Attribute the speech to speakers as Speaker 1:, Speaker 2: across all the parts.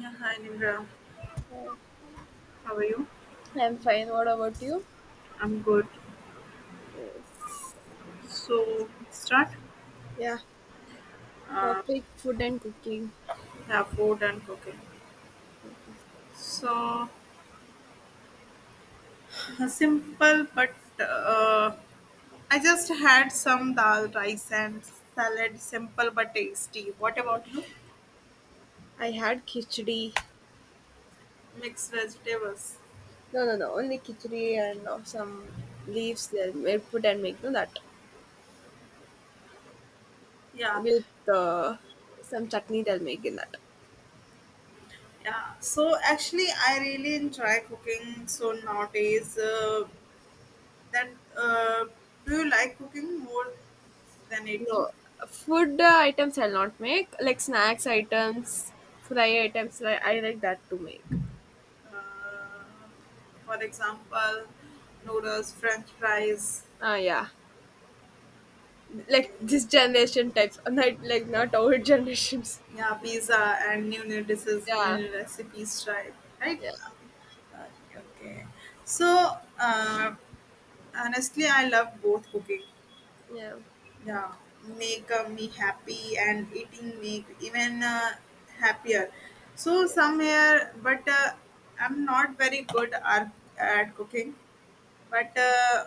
Speaker 1: Yeah, hi Nimra.
Speaker 2: Yeah.
Speaker 1: How are you?
Speaker 2: I'm fine. What about you?
Speaker 1: I'm good.
Speaker 2: Yes.
Speaker 1: So start.
Speaker 2: Yeah.
Speaker 1: Uh,
Speaker 2: Topic food and cooking.
Speaker 1: yeah, food and cooking. So simple, but uh, I just had some dal, rice, and salad. Simple but tasty. What about you?
Speaker 2: I had khichdi.
Speaker 1: Mixed vegetables.
Speaker 2: No, no, no. Only khichdi and some leaves they'll make, put and make no that
Speaker 1: Yeah,
Speaker 2: with uh, some chutney they'll make in that.
Speaker 1: yeah. So actually, I really enjoy cooking. So nowadays, that uh, do you like cooking more than eating?
Speaker 2: No food items I'll not make like snacks items, fry items. Like, I like that to make.
Speaker 1: Uh, for example, noodles, French fries,
Speaker 2: Ah, yeah. Like this generation types, not like not old generations.
Speaker 1: yeah, pizza, and new dishes, new
Speaker 2: Yeah,
Speaker 1: new recipes. Try right.
Speaker 2: yeah,
Speaker 1: Okay. Okay. So honestly, I love both cooking.
Speaker 2: yeah.
Speaker 1: Yeah, make me happy and eating make even happier. So
Speaker 2: Yes.
Speaker 1: somewhere, but I'm not very good at cooking, but.
Speaker 2: Okay.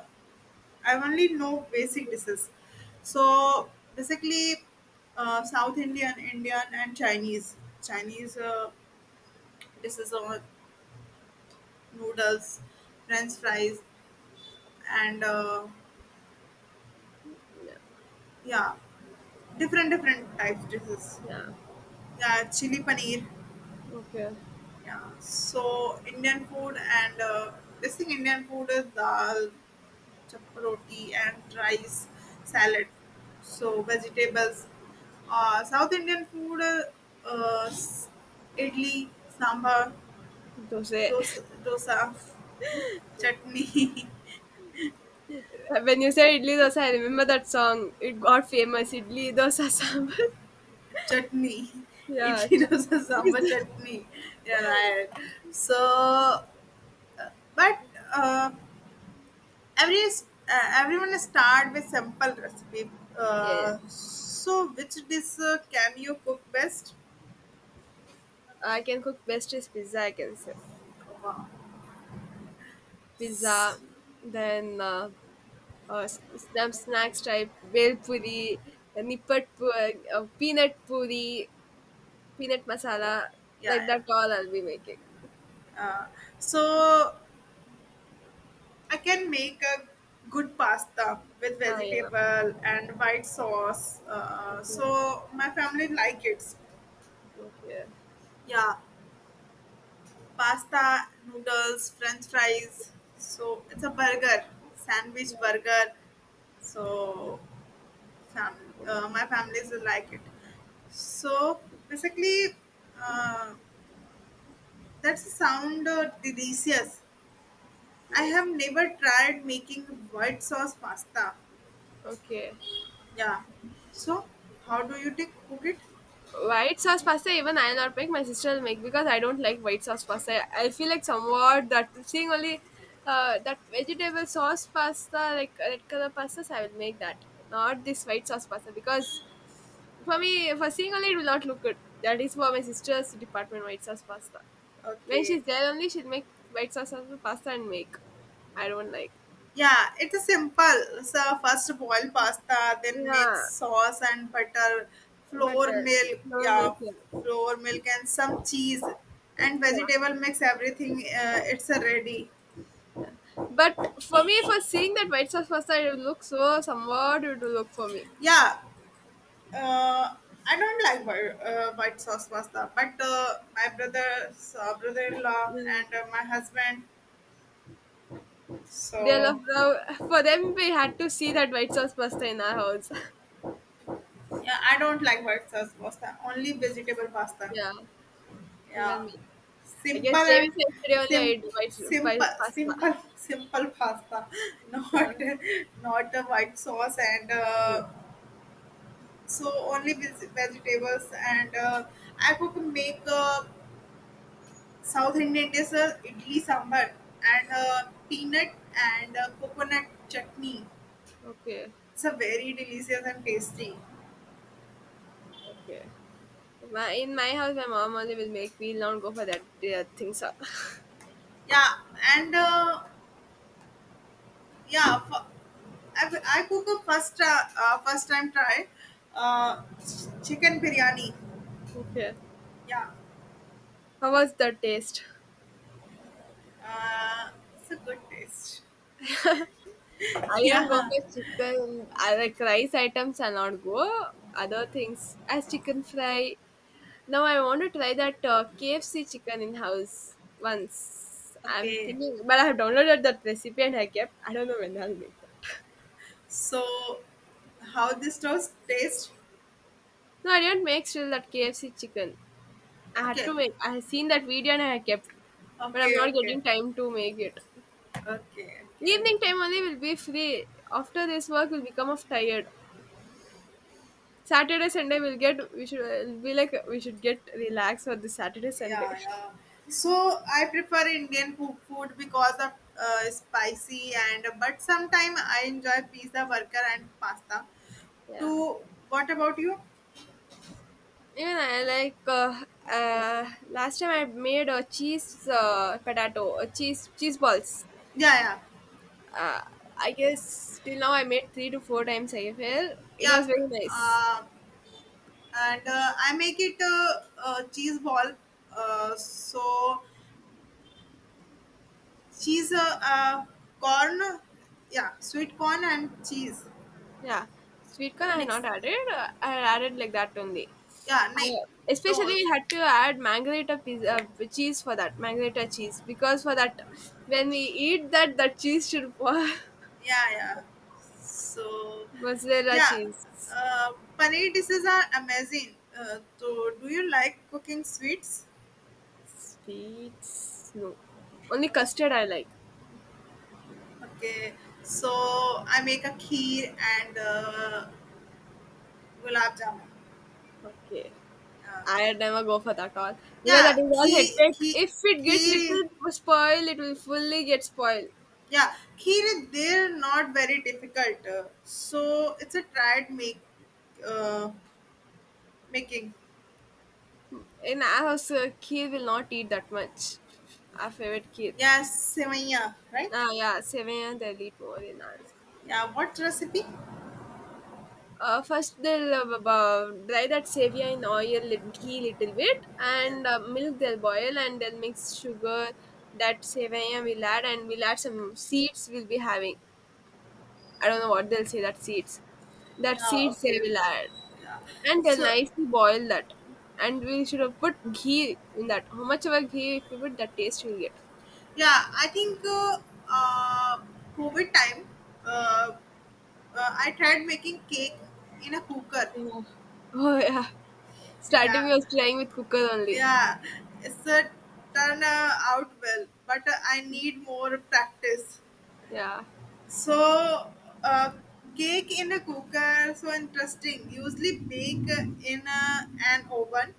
Speaker 1: I only know basic dishes. So basically, South Indian, Indian, and Chinese. Chinese dishes are noodles, French fries, and
Speaker 2: Yeah.
Speaker 1: yeah, different types dishes.
Speaker 2: Yeah.
Speaker 1: Yeah, chili paneer.
Speaker 2: Okay.
Speaker 1: Yeah. So Indian food and this thing Indian food is dal, roti and rice salad. So vegetables. South Indian food, uh, s- idli, sambar,
Speaker 2: Dosa.
Speaker 1: dosa chutney,
Speaker 2: When you said idli dosa, I remember that song. It got famous. Idli dosa sambar.
Speaker 1: chutney,
Speaker 2: yeah.
Speaker 1: idli dosa, sambar,
Speaker 2: Chutney
Speaker 1: chutney. Yeah, right. So, uh, but uh, Everyone start with simple recipe.
Speaker 2: yes.
Speaker 1: So, which dish can you cook best?
Speaker 2: I can cook best is pizza. I can say
Speaker 1: Wow.
Speaker 2: pizza.
Speaker 1: S-
Speaker 2: Then uh, s- some snacks type bel puri, nippat puri, peanut puri, peanut masala.
Speaker 1: Yeah,
Speaker 2: Like
Speaker 1: yeah.
Speaker 2: that all I'll be making.
Speaker 1: Uh, so I can make a good pasta with
Speaker 2: Ah yeah.
Speaker 1: vegetable and white sauce. Uh,
Speaker 2: Okay.
Speaker 1: so my family like it.
Speaker 2: Okay.
Speaker 1: Yeah, pasta, noodles, French fries. So it's a burger, sandwich
Speaker 2: Yeah.
Speaker 1: burger. So
Speaker 2: Yeah.
Speaker 1: my families will like it. So basically, uh, that sound delicious. I have
Speaker 2: Yes.
Speaker 1: never tried making white sauce pasta.
Speaker 2: Okay.
Speaker 1: Yeah. So, how do you take cook it?
Speaker 2: White sauce pasta, even I'll not make. My sister will make because I don't like white sauce pasta. I feel like somewhat that seeing only that vegetable sauce pasta, like red color pastas, I will make that. Not this white sauce pasta because for me, for seeing only, it will not look good. That is for my sister's department, white sauce pasta. When
Speaker 1: Okay.
Speaker 2: she's there only, she'll make white sauce pasta and make. I don't like.
Speaker 1: Yeah, it is simple. So first boil pasta, then make
Speaker 2: Yeah,
Speaker 1: sauce and butter,
Speaker 2: but
Speaker 1: flour milk,
Speaker 2: no
Speaker 1: yeah,
Speaker 2: mess. Yeah.
Speaker 1: flour milk and some cheese and
Speaker 2: Yeah.
Speaker 1: vegetable mix everything. It's a ready.
Speaker 2: But for me, for seeing that white sauce pasta, it will look so somewhat it will look for me.
Speaker 1: Yeah. Uh, I don't like white sauce pasta, but my brother, brother-in-law,
Speaker 2: Mm.
Speaker 1: and my husband,
Speaker 2: They love
Speaker 1: so.
Speaker 2: the for them. We had to see that white sauce pasta in our house.
Speaker 1: Yeah, I don't like white sauce pasta. Only vegetable pasta.
Speaker 2: yeah,
Speaker 1: Yeah,
Speaker 2: even me. I
Speaker 1: simple
Speaker 2: guess JV
Speaker 1: and
Speaker 2: said today only I
Speaker 1: sim
Speaker 2: ate white
Speaker 1: simple
Speaker 2: pasta.
Speaker 1: simple simple pasta. Not
Speaker 2: Yeah.
Speaker 1: not a white sauce and
Speaker 2: Hmm.
Speaker 1: so only vegetables and I could make South Indian dish idli sambar and peanut and coconut chutney.
Speaker 2: Okay,
Speaker 1: It's a very delicious and tasty.
Speaker 2: okay. My, in my house, my mom only will make. We'll not go for that things. Up.
Speaker 1: Yeah, and yeah. For, I cook a first first time try chicken biryani.
Speaker 2: okay.
Speaker 1: Yeah,
Speaker 2: How was the taste?
Speaker 1: uh, it's a good taste.
Speaker 2: I don't go
Speaker 1: Yeah.
Speaker 2: for chicken. I like rice items. I not go. Other things as chicken fry. Now I want to try that KFC chicken in house once. I'm
Speaker 1: Okay.
Speaker 2: thinking, but I have downloaded that recipe and I kept. I don't know when I'll make that.
Speaker 1: So how this toast taste?
Speaker 2: No, I didn't make still that KFC chicken. I had
Speaker 1: Okay.
Speaker 2: to make. I had seen that video and I kept, but I'm
Speaker 1: Okay.
Speaker 2: not
Speaker 1: Okay. Okay.
Speaker 2: getting time to make it.
Speaker 1: Okay. Okay.
Speaker 2: Evening time only will be free. After this work, will become of tired. Saturday Sunday will get. We should be like we should get relaxed for this Saturday Sunday.
Speaker 1: Yeah. Yeah. So I prefer Indian food because of spicy and but sometimes I enjoy pizza, burger, and pasta.
Speaker 2: Yeah.
Speaker 1: To what about you?
Speaker 2: Even I like last time I made a cheese potato, cheese balls.
Speaker 1: Yeah. Yeah.
Speaker 2: Uh, I guess till now I made three to four times. I feel it
Speaker 1: Yeah,
Speaker 2: was very nice.
Speaker 1: uh, and I make it cheese ball. So cheese, corn, yeah, sweet corn and cheese
Speaker 2: Yeah, sweet corn I have
Speaker 1: mix.
Speaker 2: not added. I added like that only.
Speaker 1: Yeah, nice.
Speaker 2: Especially
Speaker 1: No,
Speaker 2: we had to add margarita pizza, cheese for that margarita cheese because for that when we eat that cheese should fall.
Speaker 1: yeah, yeah. So
Speaker 2: mozzarella
Speaker 1: yeah,
Speaker 2: cheese
Speaker 1: paneer dishes are amazing. So do you like cooking sweets?
Speaker 2: sweets no only custard I like.
Speaker 1: Okay, so I make a kheer and gulab jamun.
Speaker 2: Okay.
Speaker 1: Yeah.
Speaker 2: I never go for that all because that
Speaker 1: yeah
Speaker 2: is all
Speaker 1: key
Speaker 2: headache.
Speaker 1: key
Speaker 2: If it get
Speaker 1: key
Speaker 2: little spoil, it will fully get spoiled.
Speaker 1: yeah key They're not very difficult so it's a tried make uh, making
Speaker 2: In our house, kid will not eat that much. Our favorite kid.
Speaker 1: yeah sevaya right
Speaker 2: Ah, yeah, Sevian they'll eat more in ours.
Speaker 1: yeah what recipe
Speaker 2: First they'll dry that Sevian in oil, ghee little bit,
Speaker 1: yeah
Speaker 2: and milk they'll boil and they'll mix sugar. That Sevian we'll add and we'll add some seeds. We'll be having. I don't know what they'll say. That
Speaker 1: yeah
Speaker 2: seeds
Speaker 1: okay
Speaker 2: they
Speaker 1: okay.
Speaker 2: will add.
Speaker 1: Yeah
Speaker 2: And they'll
Speaker 1: so
Speaker 2: nicely boil that. And we should have put ghee in that. How much of a ghee if you put that taste you'll get.
Speaker 1: yeah I think uh covid time uh, I tried making cake in a cooker
Speaker 2: Yeah. Oh yeah. Starting we
Speaker 1: yeah.
Speaker 2: was trying with cooker only.
Speaker 1: Yeah, it's a turn out well, but I need more practice.
Speaker 2: Yeah.
Speaker 1: So, uh, cake in a cooker, so interesting. Usually bake in an oven.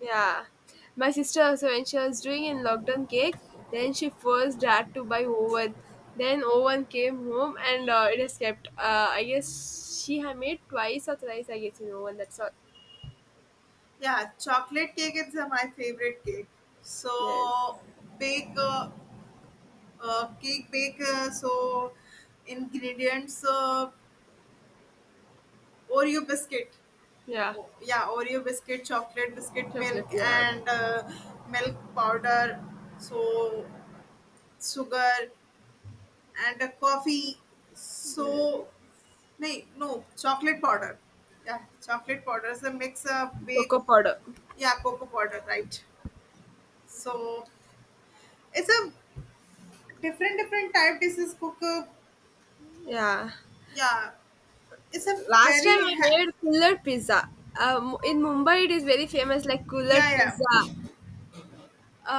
Speaker 2: Yeah. My sister also when she was doing in lockdown cakes, then she first had to buy oven. Then oven came home and it has kept. I guess she had made twice or thrice. I guess in oven. That's all.
Speaker 1: Yeah, chocolate cake is my favorite cake.
Speaker 2: Yes.
Speaker 1: So, bake cake bake so ingredients Oreo biscuit.
Speaker 2: Yeah.
Speaker 1: Oh, yeah, Oreo biscuit, chocolate biscuit, milk,
Speaker 2: Chocolate. Yeah.
Speaker 1: and milk powder, so sugar, and a coffee.
Speaker 2: Yeah.
Speaker 1: So, nay, no, chocolate powder. Yeah, chocolate powder is a mix of bake,
Speaker 2: Cocoa powder.
Speaker 1: yeah, cocoa powder, right? So, it's a different, different type dishes cook.
Speaker 2: Yeah.
Speaker 1: Yeah, it's a
Speaker 2: Last time
Speaker 1: very,
Speaker 2: I made kulad pizza. In Mumbai, it is very famous, like kulad
Speaker 1: yeah,
Speaker 2: pizza.
Speaker 1: yeah.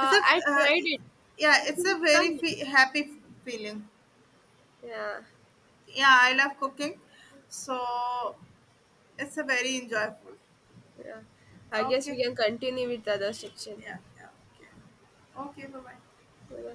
Speaker 1: It's a,
Speaker 2: I
Speaker 1: uh,
Speaker 2: tried it.
Speaker 1: yeah,
Speaker 2: It
Speaker 1: it's
Speaker 2: is
Speaker 1: a very
Speaker 2: coming.
Speaker 1: happy feeling.
Speaker 2: Yeah,
Speaker 1: Yeah, I love cooking. So it's a very enjoyable.
Speaker 2: yeah. I guess
Speaker 1: Okay.
Speaker 2: we can continue with the other section.
Speaker 1: Yeah, yeah. Okay. Okay, bye bye.
Speaker 2: Yeah.